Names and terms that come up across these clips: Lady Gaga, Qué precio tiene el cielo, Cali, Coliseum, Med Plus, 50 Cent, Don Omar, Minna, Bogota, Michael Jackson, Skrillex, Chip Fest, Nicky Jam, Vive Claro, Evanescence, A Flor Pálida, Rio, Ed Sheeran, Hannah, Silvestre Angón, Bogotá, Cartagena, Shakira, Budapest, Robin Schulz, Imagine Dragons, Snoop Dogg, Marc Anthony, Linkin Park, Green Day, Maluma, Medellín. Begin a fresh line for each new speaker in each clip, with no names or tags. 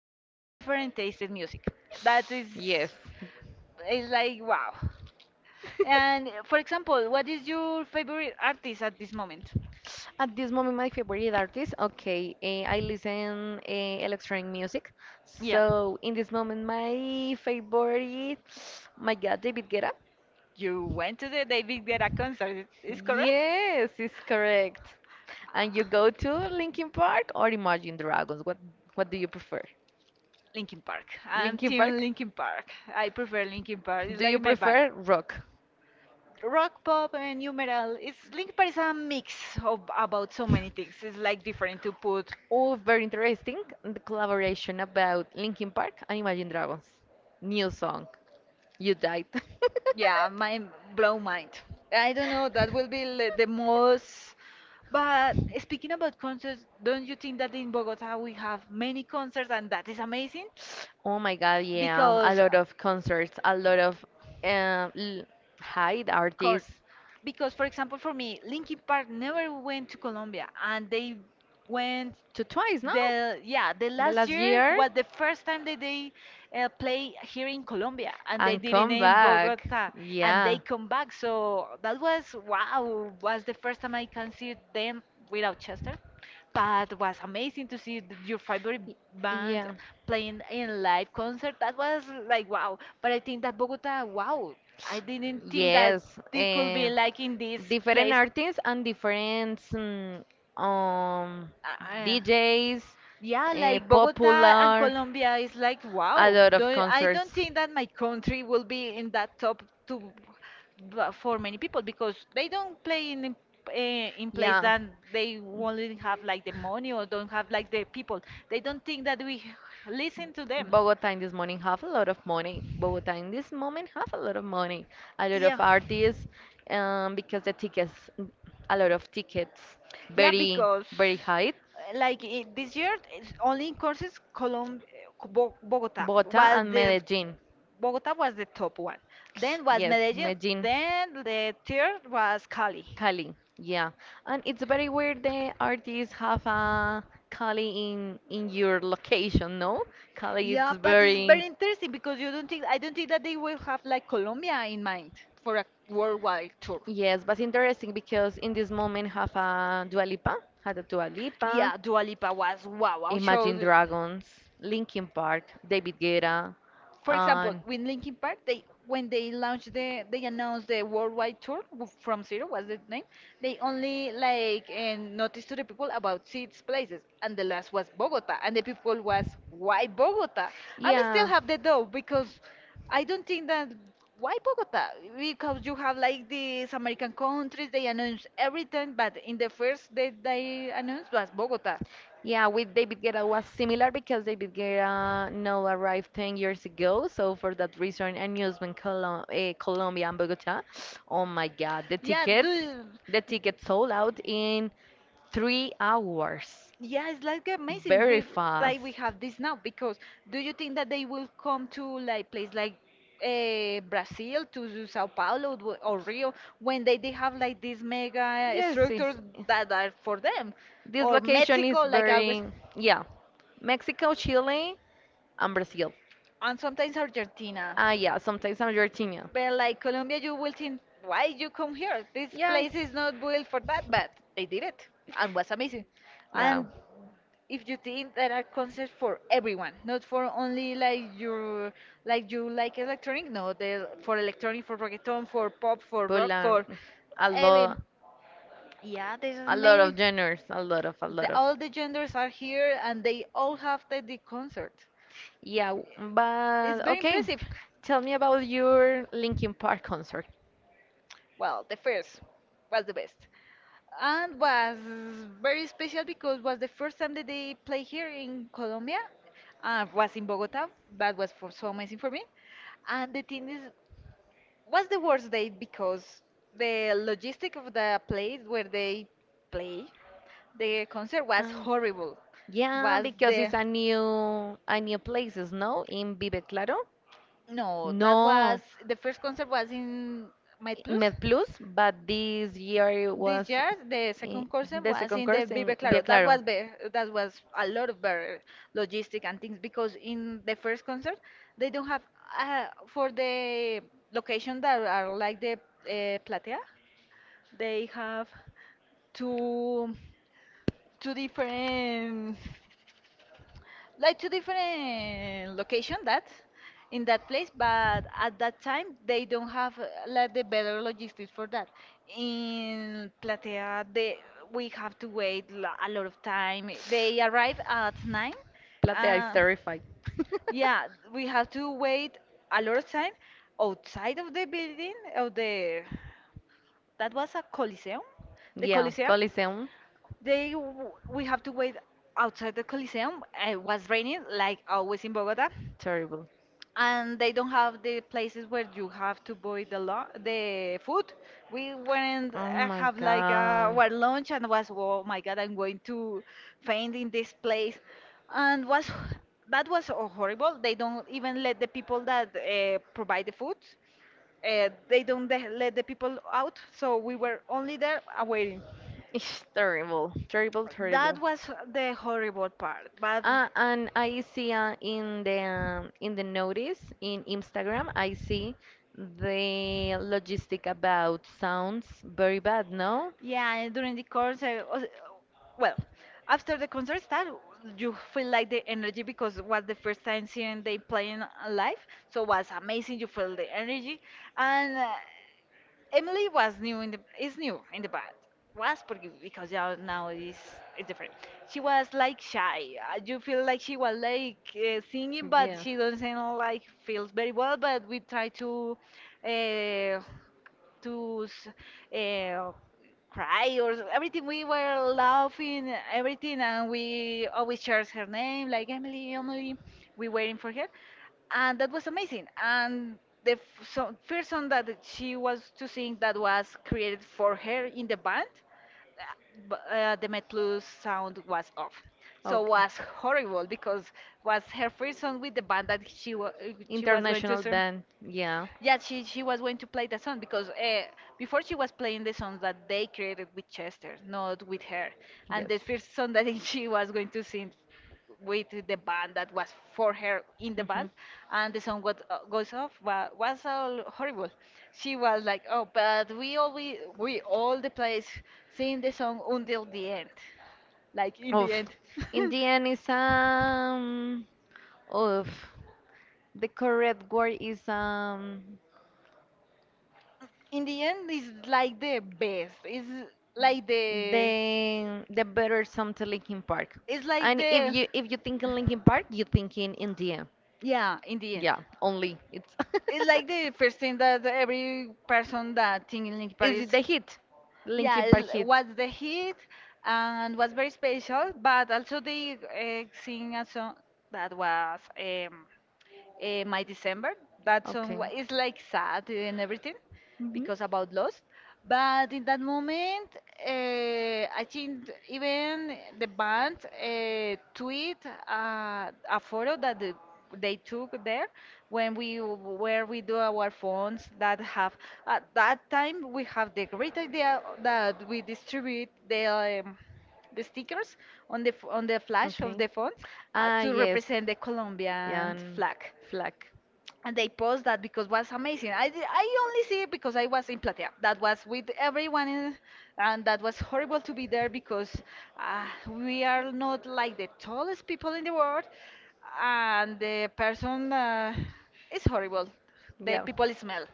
have a different taste in music. That is
Yes.
is like wow. And for example, what is your favorite artist at this moment?
At this moment, my favorite artist. Okay, I listen electronic music.
Yeah.
So in this moment, my favorite, my God, David Guetta.
You went to the David Guetta concert, is correct?
Yes, it's correct. And you go to Linkin Park or Imagine Dragons? What do you prefer?
Linkin Park. I'm
Linkin
Team
Park?
Linkin Park. I prefer Linkin Park. It's
Do you
like my band.
prefer rock?
Rock, pop, and new metal. It's Linkin Park is a mix of about so many things. It's like different to put.
Oh, very interesting. The collaboration about Linkin Park and Imagine Dragons. New song. You died.
Yeah, my blow mind. I don't know. That will be the most. But speaking about concerts, don't you think that in Bogota we have many concerts and that is amazing?
Oh my God, yeah. A
Because
lot of concerts, a lot of uh, l- hide
course
artists.
because for example for me, Linkin Park never went to Colombia, and they went
To twice, no?
the yeah the
The
last
last
year
year.
was the first time that they play here in Colombia, and they
And
didn't
come
in
back.
Bogota, and they
Yeah.
come back, so that was wow was the first time I can see them without Chester. But it was amazing to see your favorite band playing in live concert. That was like wow. But I think that Bogota, wow, I didn't think that
Yes,
this could be like in this
different
place.
artists and different um,
Uh,
DJs,
yeah, like Bogota and
popular,
Colombia is like
a
wow.
lot of
Don't, I don't
concerts.
think that my country will be in that top two for many people because they don't play in in place
Yeah.
that they only have like the money or don't have like the people. They don't think that we listen to them.
Bogota in this morning have a lot of money. Bogota in this moment have a lot of money. A lot of
Yeah.
artists, because the tickets, a lot of tickets,
Yeah,
very
because
very high.
like I this year, it's only in courses, Colom Bo
Bogota
was
and
the
Medellin.
Bogota was the top one. Then was
Yes,
Medellin.
Medellin,
Then the third was Cali.
Cali. Yeah, and it's very weird the artists have a Cali in your location, no? Cali, it's
Yeah, but it's
very.
very interesting because you don't think I don't think that they will have like Colombia in mind for a worldwide tour.
Yes, but it's interesting because in this moment have a Dua Lipa, had a Dua Lipa,
Yeah, Dua Lipa was wow, wow
Imagine
show.
Dragons, Linkin Park, David Guetta,
For example,
and
with Linkin Park, they when they launched the they announced the worldwide tour from zero was the name. They only like and noticed to the people about six places, and the last was Bogota, and the people was why Bogota? I'm still
yeah.
have the doubt because I don't think that why Bogota because you have like these American countries they announce everything, but in the first that they announced was Bogota.
Yeah, with David Guetta was similar because David Guetta now arrived 10 years ago. So for that reason, and Amusement Colombia and Bogota. Oh my God,
Yeah,
the tickets sold out in 3 hours.
yeah, it's like amazing,
Very
we
fast.
have this now because do you think that they will come to like place like Brazil to do Sao Paulo or Rio when they have like these mega
Yes, it's,
structures that are for them,
this
or
location is
Mexico like always,
very, yeah, Mexico, Chile, and Brazil.
and sometimes Argentina.
Ah, yeah, sometimes I'm Argentina.
But like Colombia, you will think, why you come here? This
Yeah.
place is not built for that, but they did it and was amazing.
Yeah.
And if you think there are concerts for everyone, not for only like you like electronic, no, the for electronic, for reggaeton, for pop, for rock,
Poland.
for
A lot.
even yeah, there's
A lot of
many.
genres. A lot of, a lot of.
All the genders are here, and they all have the concert.
Yeah,
It's
but
very
okay.
impressive.
Tell me about your Linkin Park concert.
Well, the first was the best. And was very special because was the first time that they play here in Colombia. Was in Bogota. That was for, so amazing for me. And the thing is, was the worst day because the logistic of the place where they play the concert was
Ah.
horrible.
Yeah,
Was
because
the
it's a new places, no? In Vive Claro?
No, that was
No.
the first concert was in Med Plus.
Med Plus, but this year
This
was
year, the
eh,
second concert
the
was
second
in the
course in
Vive Claro.
Vive
That
Claro.
was be that was a lot of better logistic and things because in the first concert they don't have for the location that are like the platea. They have two two different like two different location that in that place, but at that time they don't have like the better logistics for that. In platea, they we have to wait a lot of time. They arrive at 9.
Platea is
uh,
terrified.
yeah, we have to wait a lot of time outside of the building of the that was a Coliseum. The
Yeah,
Coliseum.
Coliseum,
We have to wait outside the Coliseum. It was raining like always in Bogota,
terrible.
and they don't have the places where you have to buy the food. We went
Oh my
have like
god.
our lunch, and was, oh my god, I'm going to faint in this place, and was that was so horrible. They don't even let the people that provide the food. They don't let the people out, so we were only there waiting.
It's terrible, terrible,
That
terrible.
was the horrible part. But
And I see in the notice in Instagram, I see the logistic about sounds very bad, no?
yeah, and during the concert, well, after the concert start, you feel like the energy because it was the first time seeing they playing live, so it was amazing. You feel the energy, and Emily was new in the is new in the band. Was because yeah, now is it's different. She was like shy. You feel like she was like singing, but
Yeah.
she doesn't like feels very well. But we try to uh, to s- uh, cry or everything. We were laughing, everything, and we always shared her name, like Emily, Emily. We waiting for her, and that was amazing. And so, first song that she was to sing that was created for her in the band, the Metlus sound was off. So
Okay.
was horrible because was her first song with the band that she was going to
International
sing.
band, yeah,
Yeah, she was going to play the song because before she was playing the songs that they created with Chester, not with her. And
yes.
the first song that she was going to sing with the band that was for her in the band,
Mhm.
and the song got, goes off, was all horrible. She was like, "Oh, but we all we all the place sing the song until the end, like in the
Oof.
end."
In the end, it's. Oof. The correct word is.
In the end, it's like the best. Like the
The better something Linkin Park.
It's like
And if
the
you if you think in Linkin Park, you think in India.
yeah, in the end,
Yeah, only it's
it's like the first thing that every person that think in Linkin Park
is
is
it the hit,
yeah,
Linkin Park hit.
what's the hit and what's very special. But also they sing a song that was My December. That song
Okay.
is like sad and everything
Hmm.
because about lost. But in that moment, I think even the band tweet a photo that they took there when where we do our phones that have, at that time, we have the great idea that we distribute um, the stickers on on the flash of
Okay.
the phones
Ah,
to
yes.
represent the
Yeah,
Colombian
and
flag,
flag.
and they post that because was amazing. I only see it because I was in Platea. That was with everyone, and that was horrible to be there because uh, we are not like the tallest people in the world, and the person is horrible. The
Yeah.
people smell.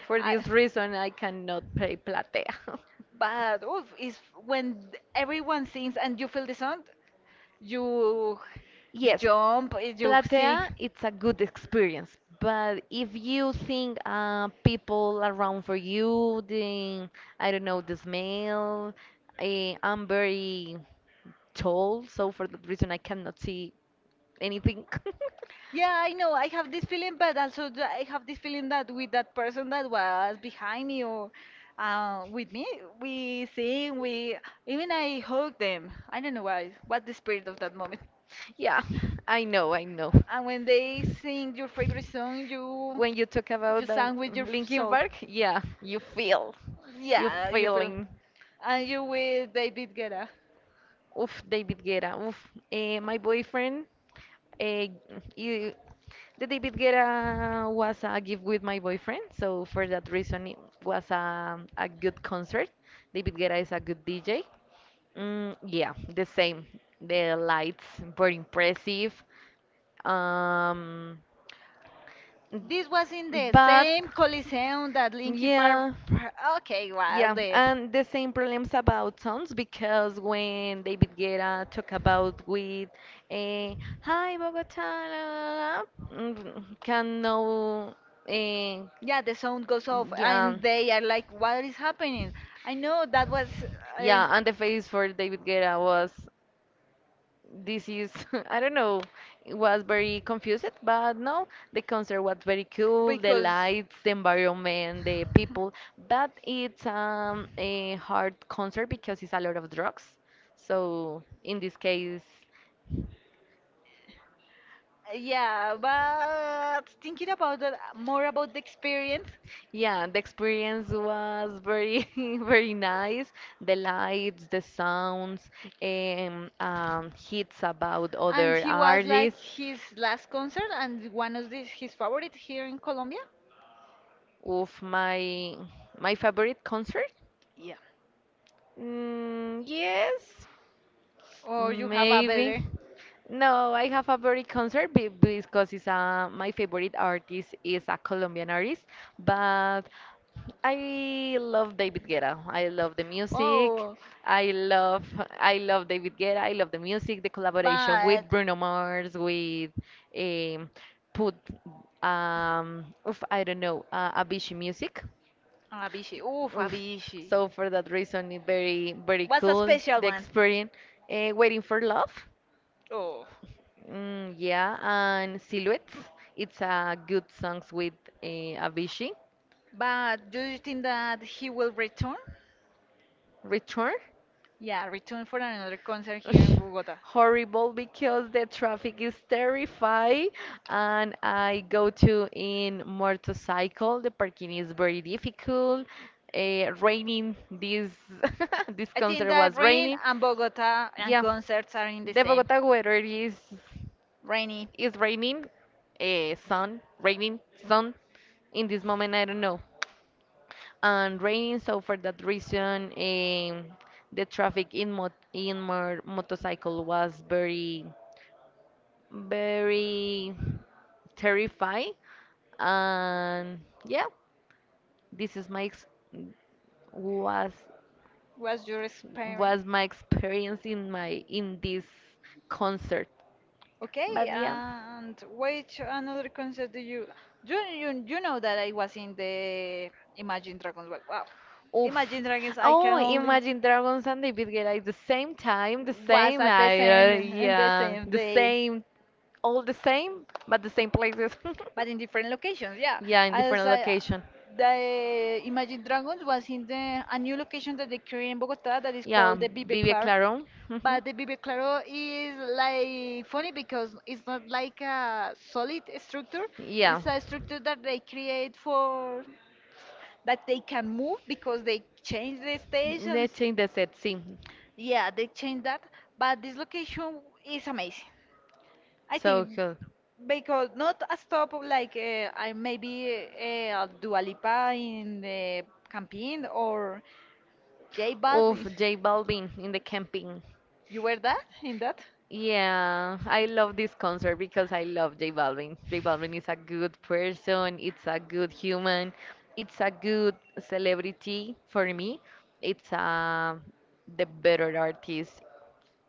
For
I,
this reason, I cannot play Platea.
but oof, is, when everyone sings and you feel the sound, you you
Yes,
jump, you sing.
Platea, it's a good experience, but if you think people around for you, the, I don't know, the smell, I'm very tall, so for that reason, I cannot see anything.
Yeah, I know. I have this feeling, but also I have this feeling that with that person that was behind me or with me, we sing, we even I hug them. I don't know why. What the spirit of that moment.
Yeah, I know, I know.
And when they sing your favorite song, you
When you talk
you
about the
sang with your
Linkin
soul.
Park, yeah, you feel, you
Yeah, you feel.
feeling.
And you with David Guetta.
Oof, David Guetta. Oof, my boyfriend. eh, you, the David Guetta was a gift with my boyfriend, so for that reason it was a good concert. David Guetta is a good DJ. Mm, yeah, the same. The lights were impressive. Um,
This was in the
but
same Coliseum that Linky Park.
yeah.
Okay, was
Yeah,
the.
and the same problems about sounds because when David Guetta talk about with a hi Bogota la, la, la, can know eh,
Yeah, the sound goes off,
yeah
and they are like, "What is happening?" I know that was. Uh,
yeah and the face for David Guetta was this is I don't know, it was very confused, but no, the concert was very cool, the
because.
lights, the environment, the people, but it's a hard concert because it's a lot of drugs. So in this case,
Yeah, but thinking about that, more about the experience.
yeah, the experience was very very nice. The lights, the sounds, hits about
And
other
he was like
artists.
his last concert and one of his favorite here in Colombia?
Of my favorite concert.
Yeah.
Mm, yes,
Or you have a
maybe.
better?
No, I have a very concert because it's my favorite artist is a Colombian artist, but I love David Guetta. I love the music.
Oh,
I love I love David Guetta. I love the music, the collaboration
but
with Bruno Mars, with um, put oof, I don't know, Avicii music.
Avicii, oof,
Oof.
Avicii.
So for that reason, it very very
Was a
cool
special
the
one?
experience. Waiting for Love,
Oh.
yeah, and Silhouettes. It's a good songs with Avicii.
But do you think that he will return?
Return.
Yeah, return for another concert here in
Ugh,
Bogota.
horrible because the traffic is terrifying and I go to in motorcycle the parking is very difficult raining this this
I think
concert
that
was
rain
raining
and Bogota and
yeah.
concerts are in the
The
same.
Bogota weather is
Rainy,
is raining, sun, raining, sun. In this moment, I don't know, and raining. So for that reason, the traffic in mot in more motorcycle was very very terrifying. And yeah, this is my ex was
what's your
was
experience?
my experience in my in this concert.
Okay,
But yeah.
and which another concert do you know that I was in the Imagine Dragons? Well, wow,
Oof.
Imagine Dragons. I
Oh,
can only.
imagine Dragons and David get at the same time, the
Was
same
at the same
hour,
in the
yeah,
same
the
day,
same, all the same, but the same places.
but in different locations. Yeah,
Yeah, in different
as I,
location.
the Imagine Dragons was in the a new location that they created in Bogota that is
Yeah,
called the Vive
Vivi
Claro.
Clarón. Mhm.
But the Vive Claro is like funny because it's not like a solid structure.
Yeah.
It's a structure that they create for that they can move because they change the
They
stations.
change the set, see.
Yeah, they changed that. But this location is amazing. I
So
think
cool.
because not a stop like I maybe Dua Lipa in the campaign or J
Oof,
Balvin.
J Balvin in the camping.
You were that in that?
Yeah, I love this concert because I love J Balvin. J Balvin is a good person, it's a good human, it's a good celebrity for me. It's the better artist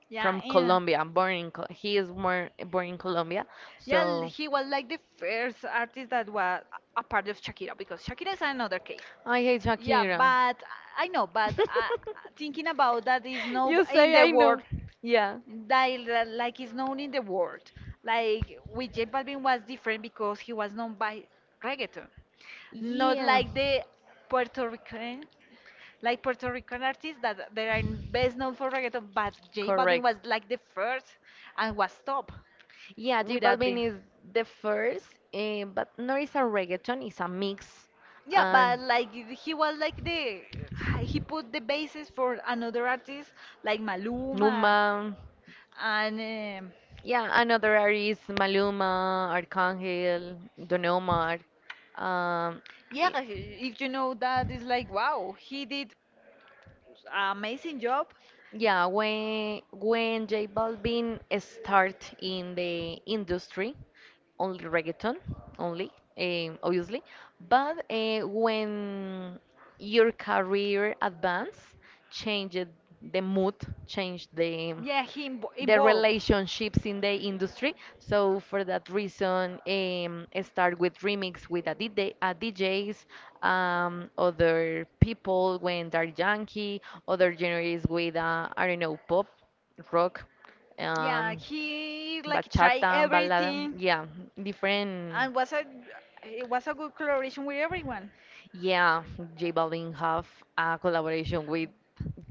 Yeah,
from
yeah.
Colombia. I'm born in Col he is more born in Colombia,
Yeah,
so
he was like the first artist that was a part of Shakira because Shakira is another case.
I hate
Yeah,
Shakira.
but I know, but thinking about that is no
You
in
say
the
I
world.
know. Yeah.
Like like is known in the world. Like with J Balvin was different because he was known by reggaeton, not
Yeah,
like the Puerto Rican, like Puerto Rican artists that they are best known for reggaeton. But J Balvin was like the first and was top
yeah, J
without
Balvin
being.
is the first, but not is a reggaeton, it's a mix.
Yeah,
And
but like he was like the he put the basis for another artist like
Numa,
Maluma and
yeah, another artist, like Maluma, Arcángel, Don Omar. Um,
yeah,
i-
if you know that, it's like, wow, he did an amazing job.
Yeah, when J Balvin start in the industry, only reggaeton, only, obviously. But when your career advance, change the mood, change the
Yeah, he
the
involved.
relationships in the industry. So for that reason, I start with remix with a DJ, DJs, other people when they're Yankee, other genres with I don't know pop, rock,
Yeah,
um,
he like try
bachata, balada,
everything.
yeah, different.
And was a it was a good collaboration with everyone.
Yeah, J Balvin have a collaboration with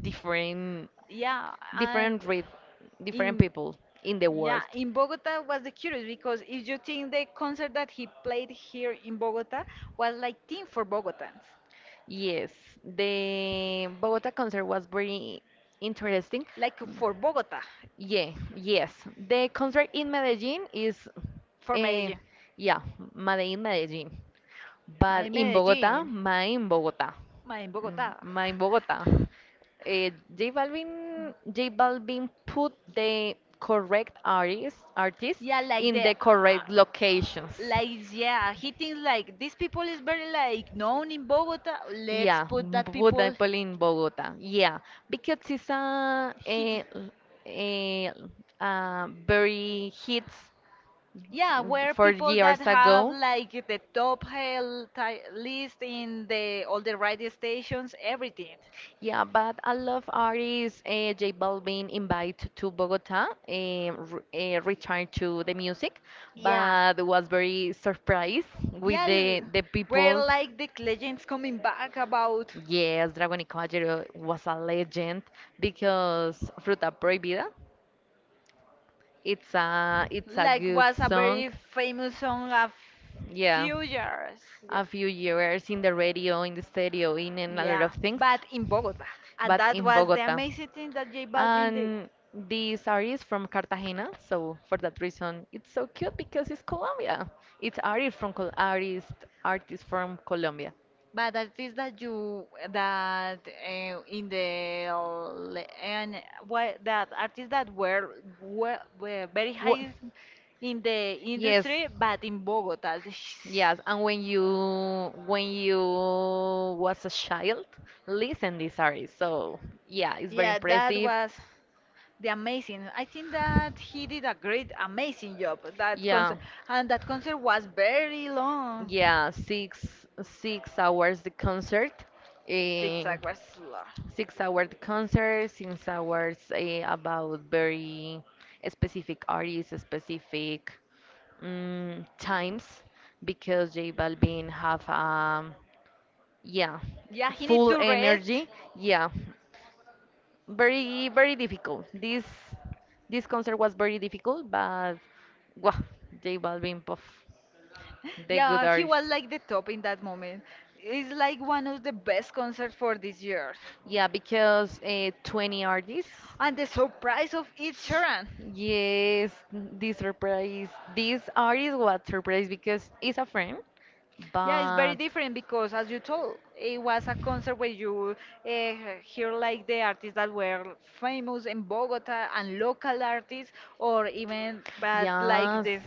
different
Yeah, and
different with different
in
people in the
yeah
world.
in Bogota was the curious because if you think the concert that he played here in Bogota was like theme for Bogotans,
Yes, the Bogota concert was very interesting.
like for Bogota,
Yeah, yes. The concert in Medellin is,
for
uh, yeah, Medellin, Medellin. But in Bogota,
Medellin,
my in Bogota,
my
Mm,
Bogota.
my in Bogota. Uh, J Balvin put the correct artist
Yeah, like
in
the,
the correct
uh,
locations.
like yeah, he thinks like these people is very like known in Bogota. Let's
Yeah,
put that people.
Budapest in Bogota. Yeah, because it's
He,
a, a very hits
yeah, where
four
people that
years
have
ago.
like the top list in the all the radio stations, everything.
Yeah, but a lot of artists, J Balvin invite to Bogota, return to the music,
Yeah.
but was very surprised with
Yeah,
the the
where
people.
like the legends coming back about
Yes, Dragon y Caballero was a legend because Fruta Prohibida. It's a
like
good
was a very
song.
famous song a
Yeah.
few years.
A
Yeah.
few years in the radio, in the stereo, in a lot
Yeah,
of things,
but in Bogota, and
but
that
in
was the
Bogota.
amazing thing that J Balvin did.
And this artist from Cartagena, so for that reason, it's so cute because it's Colombia. It's artist from Col artist artist from Colombia.
But I think that you that in the and what that artists that were very
What?
high in the
Yes.
industry, but in Bogota.
Yes, and when you was a child, listen this artist. So yeah, it's very
Yeah, that
impressive.
was. The amazing. I think that he did a great, amazing job. That
Yeah,
concert and that concert was very long.
yeah, six hours the concert, eh,
Zigzag was long.
6 hours the concert, 6 hours about very specific artists, specific times, because J Balvin have a. Yeah,
Yeah, he need
full
to rest.
energy. Yeah, very very difficult. This concert was very difficult, but wow, J Balvin, puff, the good
Yeah, he
artist.
was like the top in that moment. It's like one of the best concerts for this year.
Yeah, because 20 artists.
And the surprise of Ed Sheeran.
Yes, this surprise. This artist was surprised because he's a friend,
Yeah, it's very
but.
different because, as you told, it was a concert where you uh, hear like the artists that were famous in Bogota and local artists, or even but like
Yes,
this.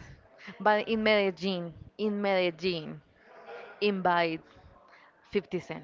but in Medellin, invite 50 Cent.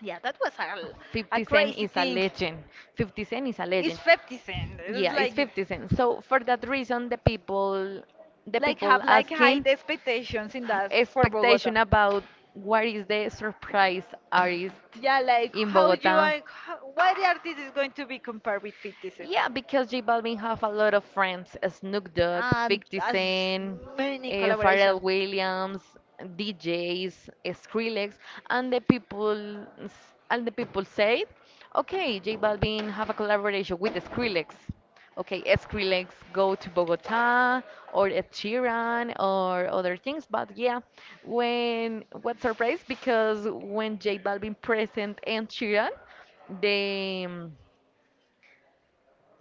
Yeah, that was a
50 Cent
crazy
is a
thing.
legend. 50 Cent is a
It's
legend.
50 cent. It's
Yeah, it's 50 Cent. So for that reason, the
like
people
have like high
asking
expectations in that for Bogota.
expectation about what is the surprise artist
Yeah, like
in
how you
Bogota.
are, how, what artist is going to be compared with 50 Cent?
Yeah, because J Balvin have a lot of friends. Snoop Dogg, 50
As
Cent,
many collaboration.
Pharrell Williams, DJs, Skrillex, and the people and the people say, okay, J Balvin have a collaboration with Skrillex. Okay, Skrillex go to Bogota or Ed Sheeran or other things, but yeah, when what surprise because when J Balvin present Ed Sheeran, they um,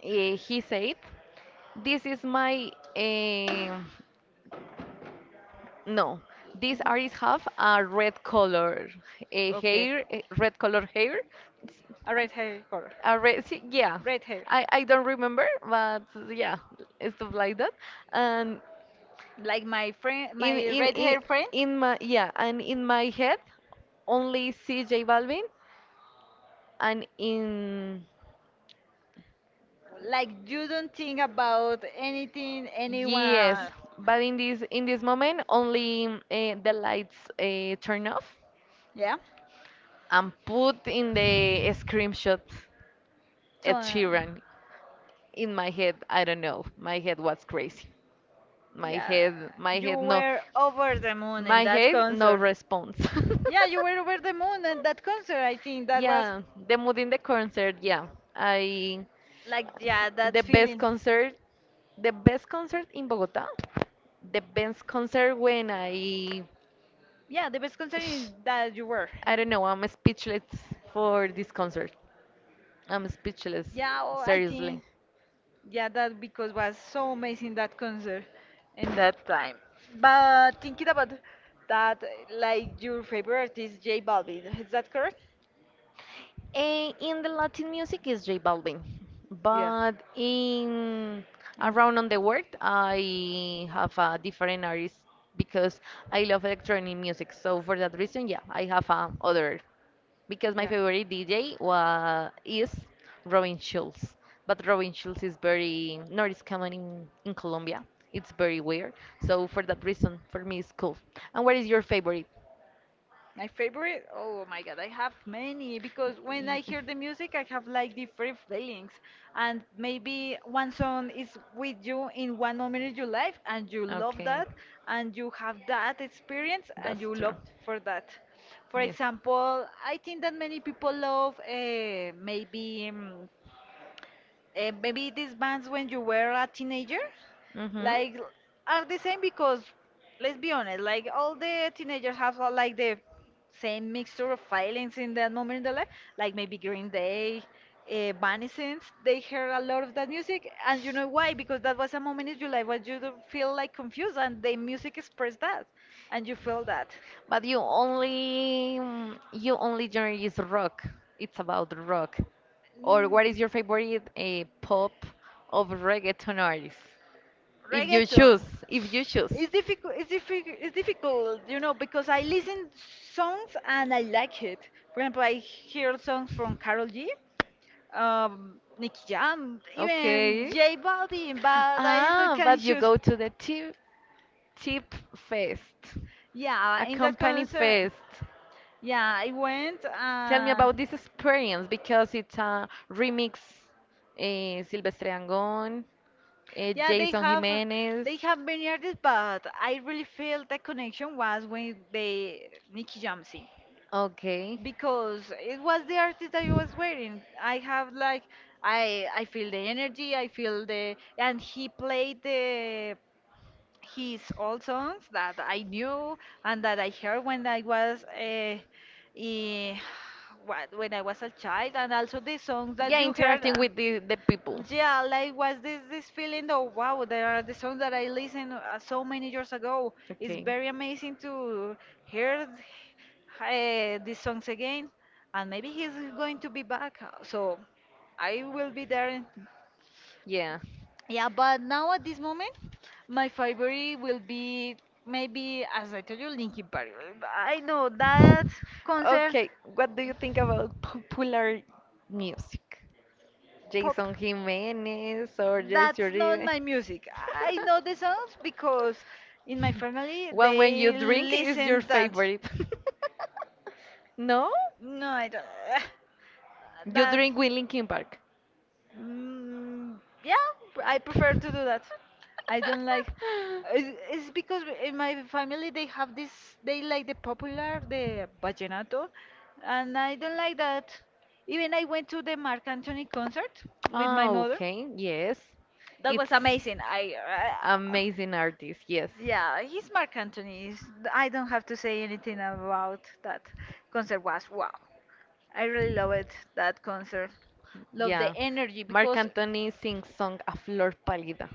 eh, he said this is my no. These artists have a red color
Okay.
hair, red color hair. It's
A red hair color.
a red, see, yeah.
Red hair.
I don't remember, but yeah, stuff like that. And
Like my friend
in
my
in
red
in,
hair friend,
in my yeah, and in my head, only CJ Balvin, and in.
like you don't think about anything
Yes,
anyone,
but in this moment only the lights turn off
yeah,
and put in the screenshot
so
Ed Sheeran in my head. I don't know. My head was crazy.
yeah,
My
you
head, no.
were over the moon in
My
that
head, no
concert.
response.
Yeah, you were over the moon at that concert. I think that was
Yeah, the mood in the concert. Yeah, I
like yeah, that
the best
feeling,
concert, the best concert in Bogota, the best concert when I,
yeah, the best concert that you were.
I don't know. I'm speechless for this concert. I'm speechless,
Yeah, oh, I
seriously.
think yeah, that because was so amazing that concert in that time. But thinking about that, like your favorite artist, J Balvin, is that correct?
In the Latin music is J Balvin,
Yeah.
but in
In-
around on the world I have a different artist because I love electronic music. So for that reason, yeah, I have a other because my
yeah.
favorite DJ was is Robin Schulz, but Robin Schulz is very not is common in Colombia. It's very weird. So for that reason, for me, it's cool. And what is your favorite?
My favorite? Oh my god, I have many because when I
Y-
hear the music, I have like different feelings. And maybe one song is with you in one moment of your life, and you love
Okay,
that, and you have that experience,
that's
and you
true.
love for that. For
Yes.
example, I think that many people love maybe these bands when you were a teenager,
Mm-hmm.
like are the same because let's be honest, like all the teenagers have like the same mixture of feelings in that moment in their life. Like maybe Green Day, Evanescence, they heard a lot of that music, and you know why? Because that was a moment in your life where you don't feel like confused, and the music expressed that, and you feel that.
But you only genre is rock. It's about rock. Or
Mm,
what is your favorite a pop of reggaeton artist? If you
reggaeton.
choose, if you choose.
It's difficult. It's, it's difficult, you know, because I listen songs and I like it. For example, I hear songs from Carol G, Nicky Jam, even
Okay.
J Balvin, but I still
Ah,
can
but you
choose.
go to the t Chip Fest,
Yeah,
a
in that
company
concert,
fest.
yeah, I went.
Tell me about this experience because it's a remix. Silvestre Angón,
Yeah,
Jason Jimenez.
they have many artists, but I really feel the connection was with the Nicky Jamsey
Okay.
because it was the artist that I was wearing. I have like I feel the energy, I feel the and he played the his old songs that I knew and that I heard when I was eh, what, when I was a child, and also the songs that
Yeah,
you heard.
interacting with the people.
Yeah, like was this feeling of wow, there are the songs that I listened so many years ago. It's
Okay.
very amazing to hear these songs again, and maybe he's going to be back. So I will be there
Yeah.
yeah, but now at this moment, my favorite will be maybe, as I told you, Linkin Park. I know that concert
Okay. What do you think about popular music,
pop.
Jason Jimenez or Jesse
That's not
Uribe?
my music. I know the songs because in my family
Well, when you
they
drink is your
listen that.
favorite? No,
No, I don't.
you
That.
drink with Linkin Park.
Mm, yeah, I prefer to do that. I don't like. It's because in my family they have this. They like the popular, the vallenato, and I don't like that. Even I went to the Marc Anthony concert with my
Ah,
mother.
okay, yes.
That
It's
was amazing. I
amazing artist, yes.
yeah, he's Marc Anthony. I don't have to say anything about that concert. Was wow. I really love it, that concert. Love the
Yeah.
energy
Marc
because
Anthony sings song A Flor Pálida.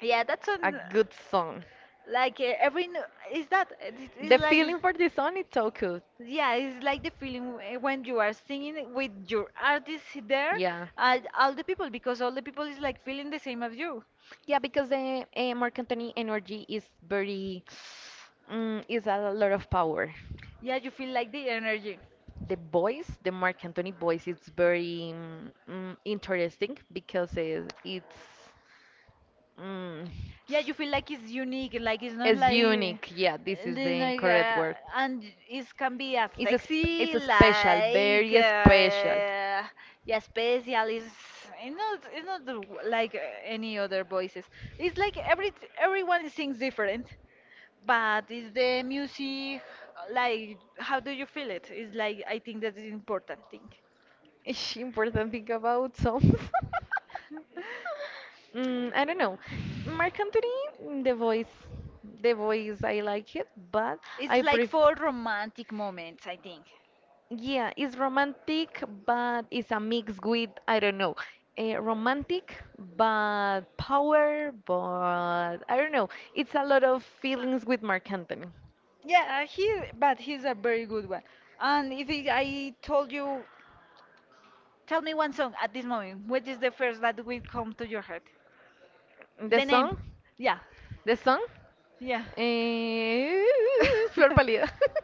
yeah, that's
A
on
good song.
like every is that it's
The
like
feeling for this song is so good.
yeah, it's like the feeling when you are singing with your artist there
Yeah.
and all the people because all the people is like feeling the same as you.
Yeah, because the Marc Anthony energy is very, is a lot of power.
Yeah, you feel like the energy.
The voice, the Marc Anthony voice, it's very interesting because mm,
Yeah, you feel like it's unique, like it's not
it's
like
unique. Yeah, this is the
Like,
correct word.
and it can be a
It's a it's
sexy,
a special,
like,
very special.
yeah, special. Is it's not like any other voices. It's like everyone sings different, but is the music like how do you feel it? It's like I think that's the important thing.
Ish, important thing about songs. I don't know. Marc Anthony, the voice, I like it, but
It's
I
like
prefer.
for romantic moments, I think.
Yeah, it's romantic, but it's a mix with, I don't know, romantic, but power, but I don't know. It's a lot of feelings with Mark Anthony.
Yeah, he, but he's a very good one. And if he, I told you, tell me one song at this moment. What is the first that will come to your head?
The
The name.
song,
Yeah,
the song,
yeah.
eh, Flor Pálida.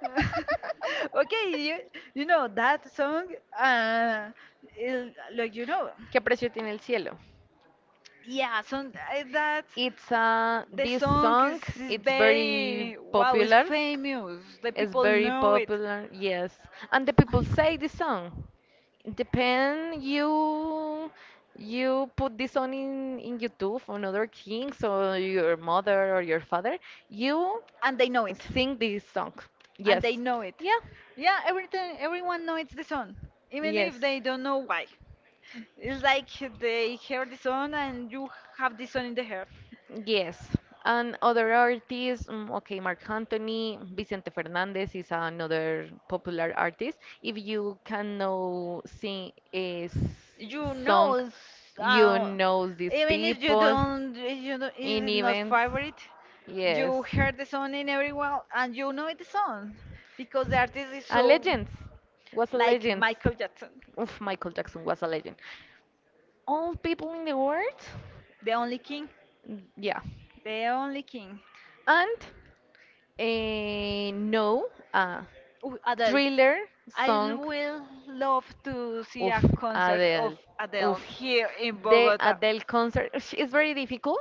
okay, you know that song, uh, like you know,
¿Qué precio tiene el cielo?
yeah, so that
It's
the
this
song
song,
is
it's very
very wow, it's
popular.
famous. The
It's
people
very
know it,
popular, yes. And the people say this song. Depend you put this on in YouTube on other kings or your mother or your father, you
and they know it,
sing this song.
and they
Yes.
know it.
Yeah.
Yeah, everything, everyone knows the song, even
Yes.
if they don't know why. It's like they hear the song and you have the song in the heart.
Yes. And other artists, okay, Marc Anthony, Vicente Fernandez is another popular artist. If you can know sing a
You know,
song, you know these
even if you
people.
don't, if you don't, if
In
it's not
events.
favorite,
Yes.
you hear the song in everyone and you know it the song because the artist is
And
so
legends. Was a
like
legend.
Michael Jackson,
Oof, Michael Jackson was a legend. All people in the world?
the only king,
Mm, yeah.
the only king.
And no, uh,
Ooh, Adele.
thriller
I
song.
will love to see
Oof,
a concert of
Adele.
Adele
Oof.
here in
The
Bogota.
Adele concert. It's very difficult.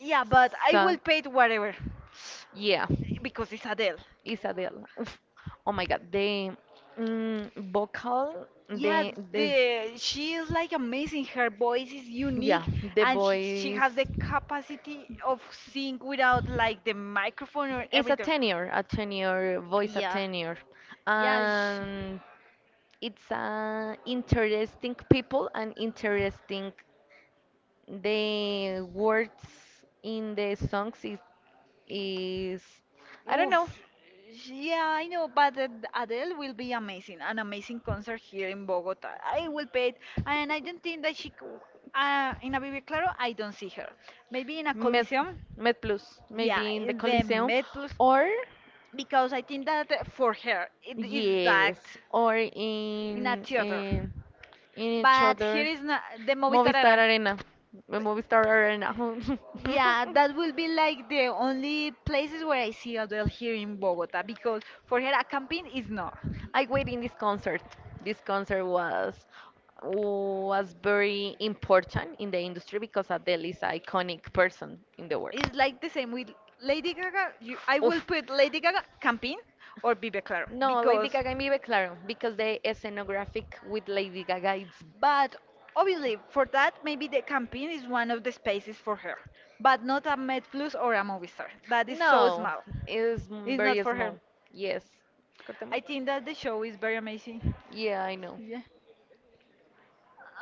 Yeah, but I
So,
will pay it whatever
yeah.
because it's Adele.
Isabel. Oh my God, the vocal,
Yeah,
the
the she is like amazing. Her voice is
yeah,
unique,
the
and she
voice.
has the capacity of sing without like the microphone or
It's
everything.
a tenor voice, a
Yeah,
tenor,
yeah. She,
and it's interesting people and interesting. The words in the songs is I don't
oof.
know.
Yeah, I know, but Adele will be amazing. An amazing concert here in Bogota. I will pay it, and I don't think that she. In a Vive Claro, I don't see her. Maybe in a
Med,
Coliseum.
Med Plus, maybe
Yeah,
in the
in the
Coliseum,
Met Plus,
or
because I think that for her it is that.
yes, or
In a
in
theater.
in, in each
But here
other
is not the Movistar
Movistar
Arena.
Arena, the Movistar Arena.
Yeah, that will be like the only places where I see Adele here in Bogota because for her a camping is not.
I wait in this concert. This concert was very important in the industry because Adele is an iconic person in the world.
It's like the same with Lady Gaga. You, I
Oof.
will put Lady Gaga camping or Bibe Claro
No, Lady
because.
Gaga y Mi Be Claro, because the scenographic with Lady Gaga it's
But obviously, for that, maybe the campaign is one of the spaces for her, but not a Med plus or a Movistar. That is so
no,
small.
it's
It's not
very
for her.
small. Yes.
I
Cortemos.
think that the show is very amazing.
Yeah, I know.
Yeah.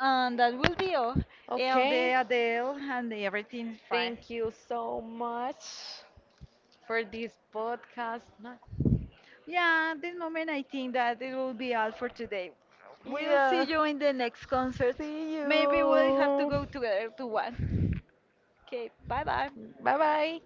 And that will be all. LD,
Okay.
Adele, and everything is fine.
Thank you so much for this podcast. No-
Yeah, at this moment I think that it will be all for today. We'll see
Yeah.
you in the next concert.
See
Maybe we'll have to
you.
go together to one. Okay, bye bye.
Bye bye.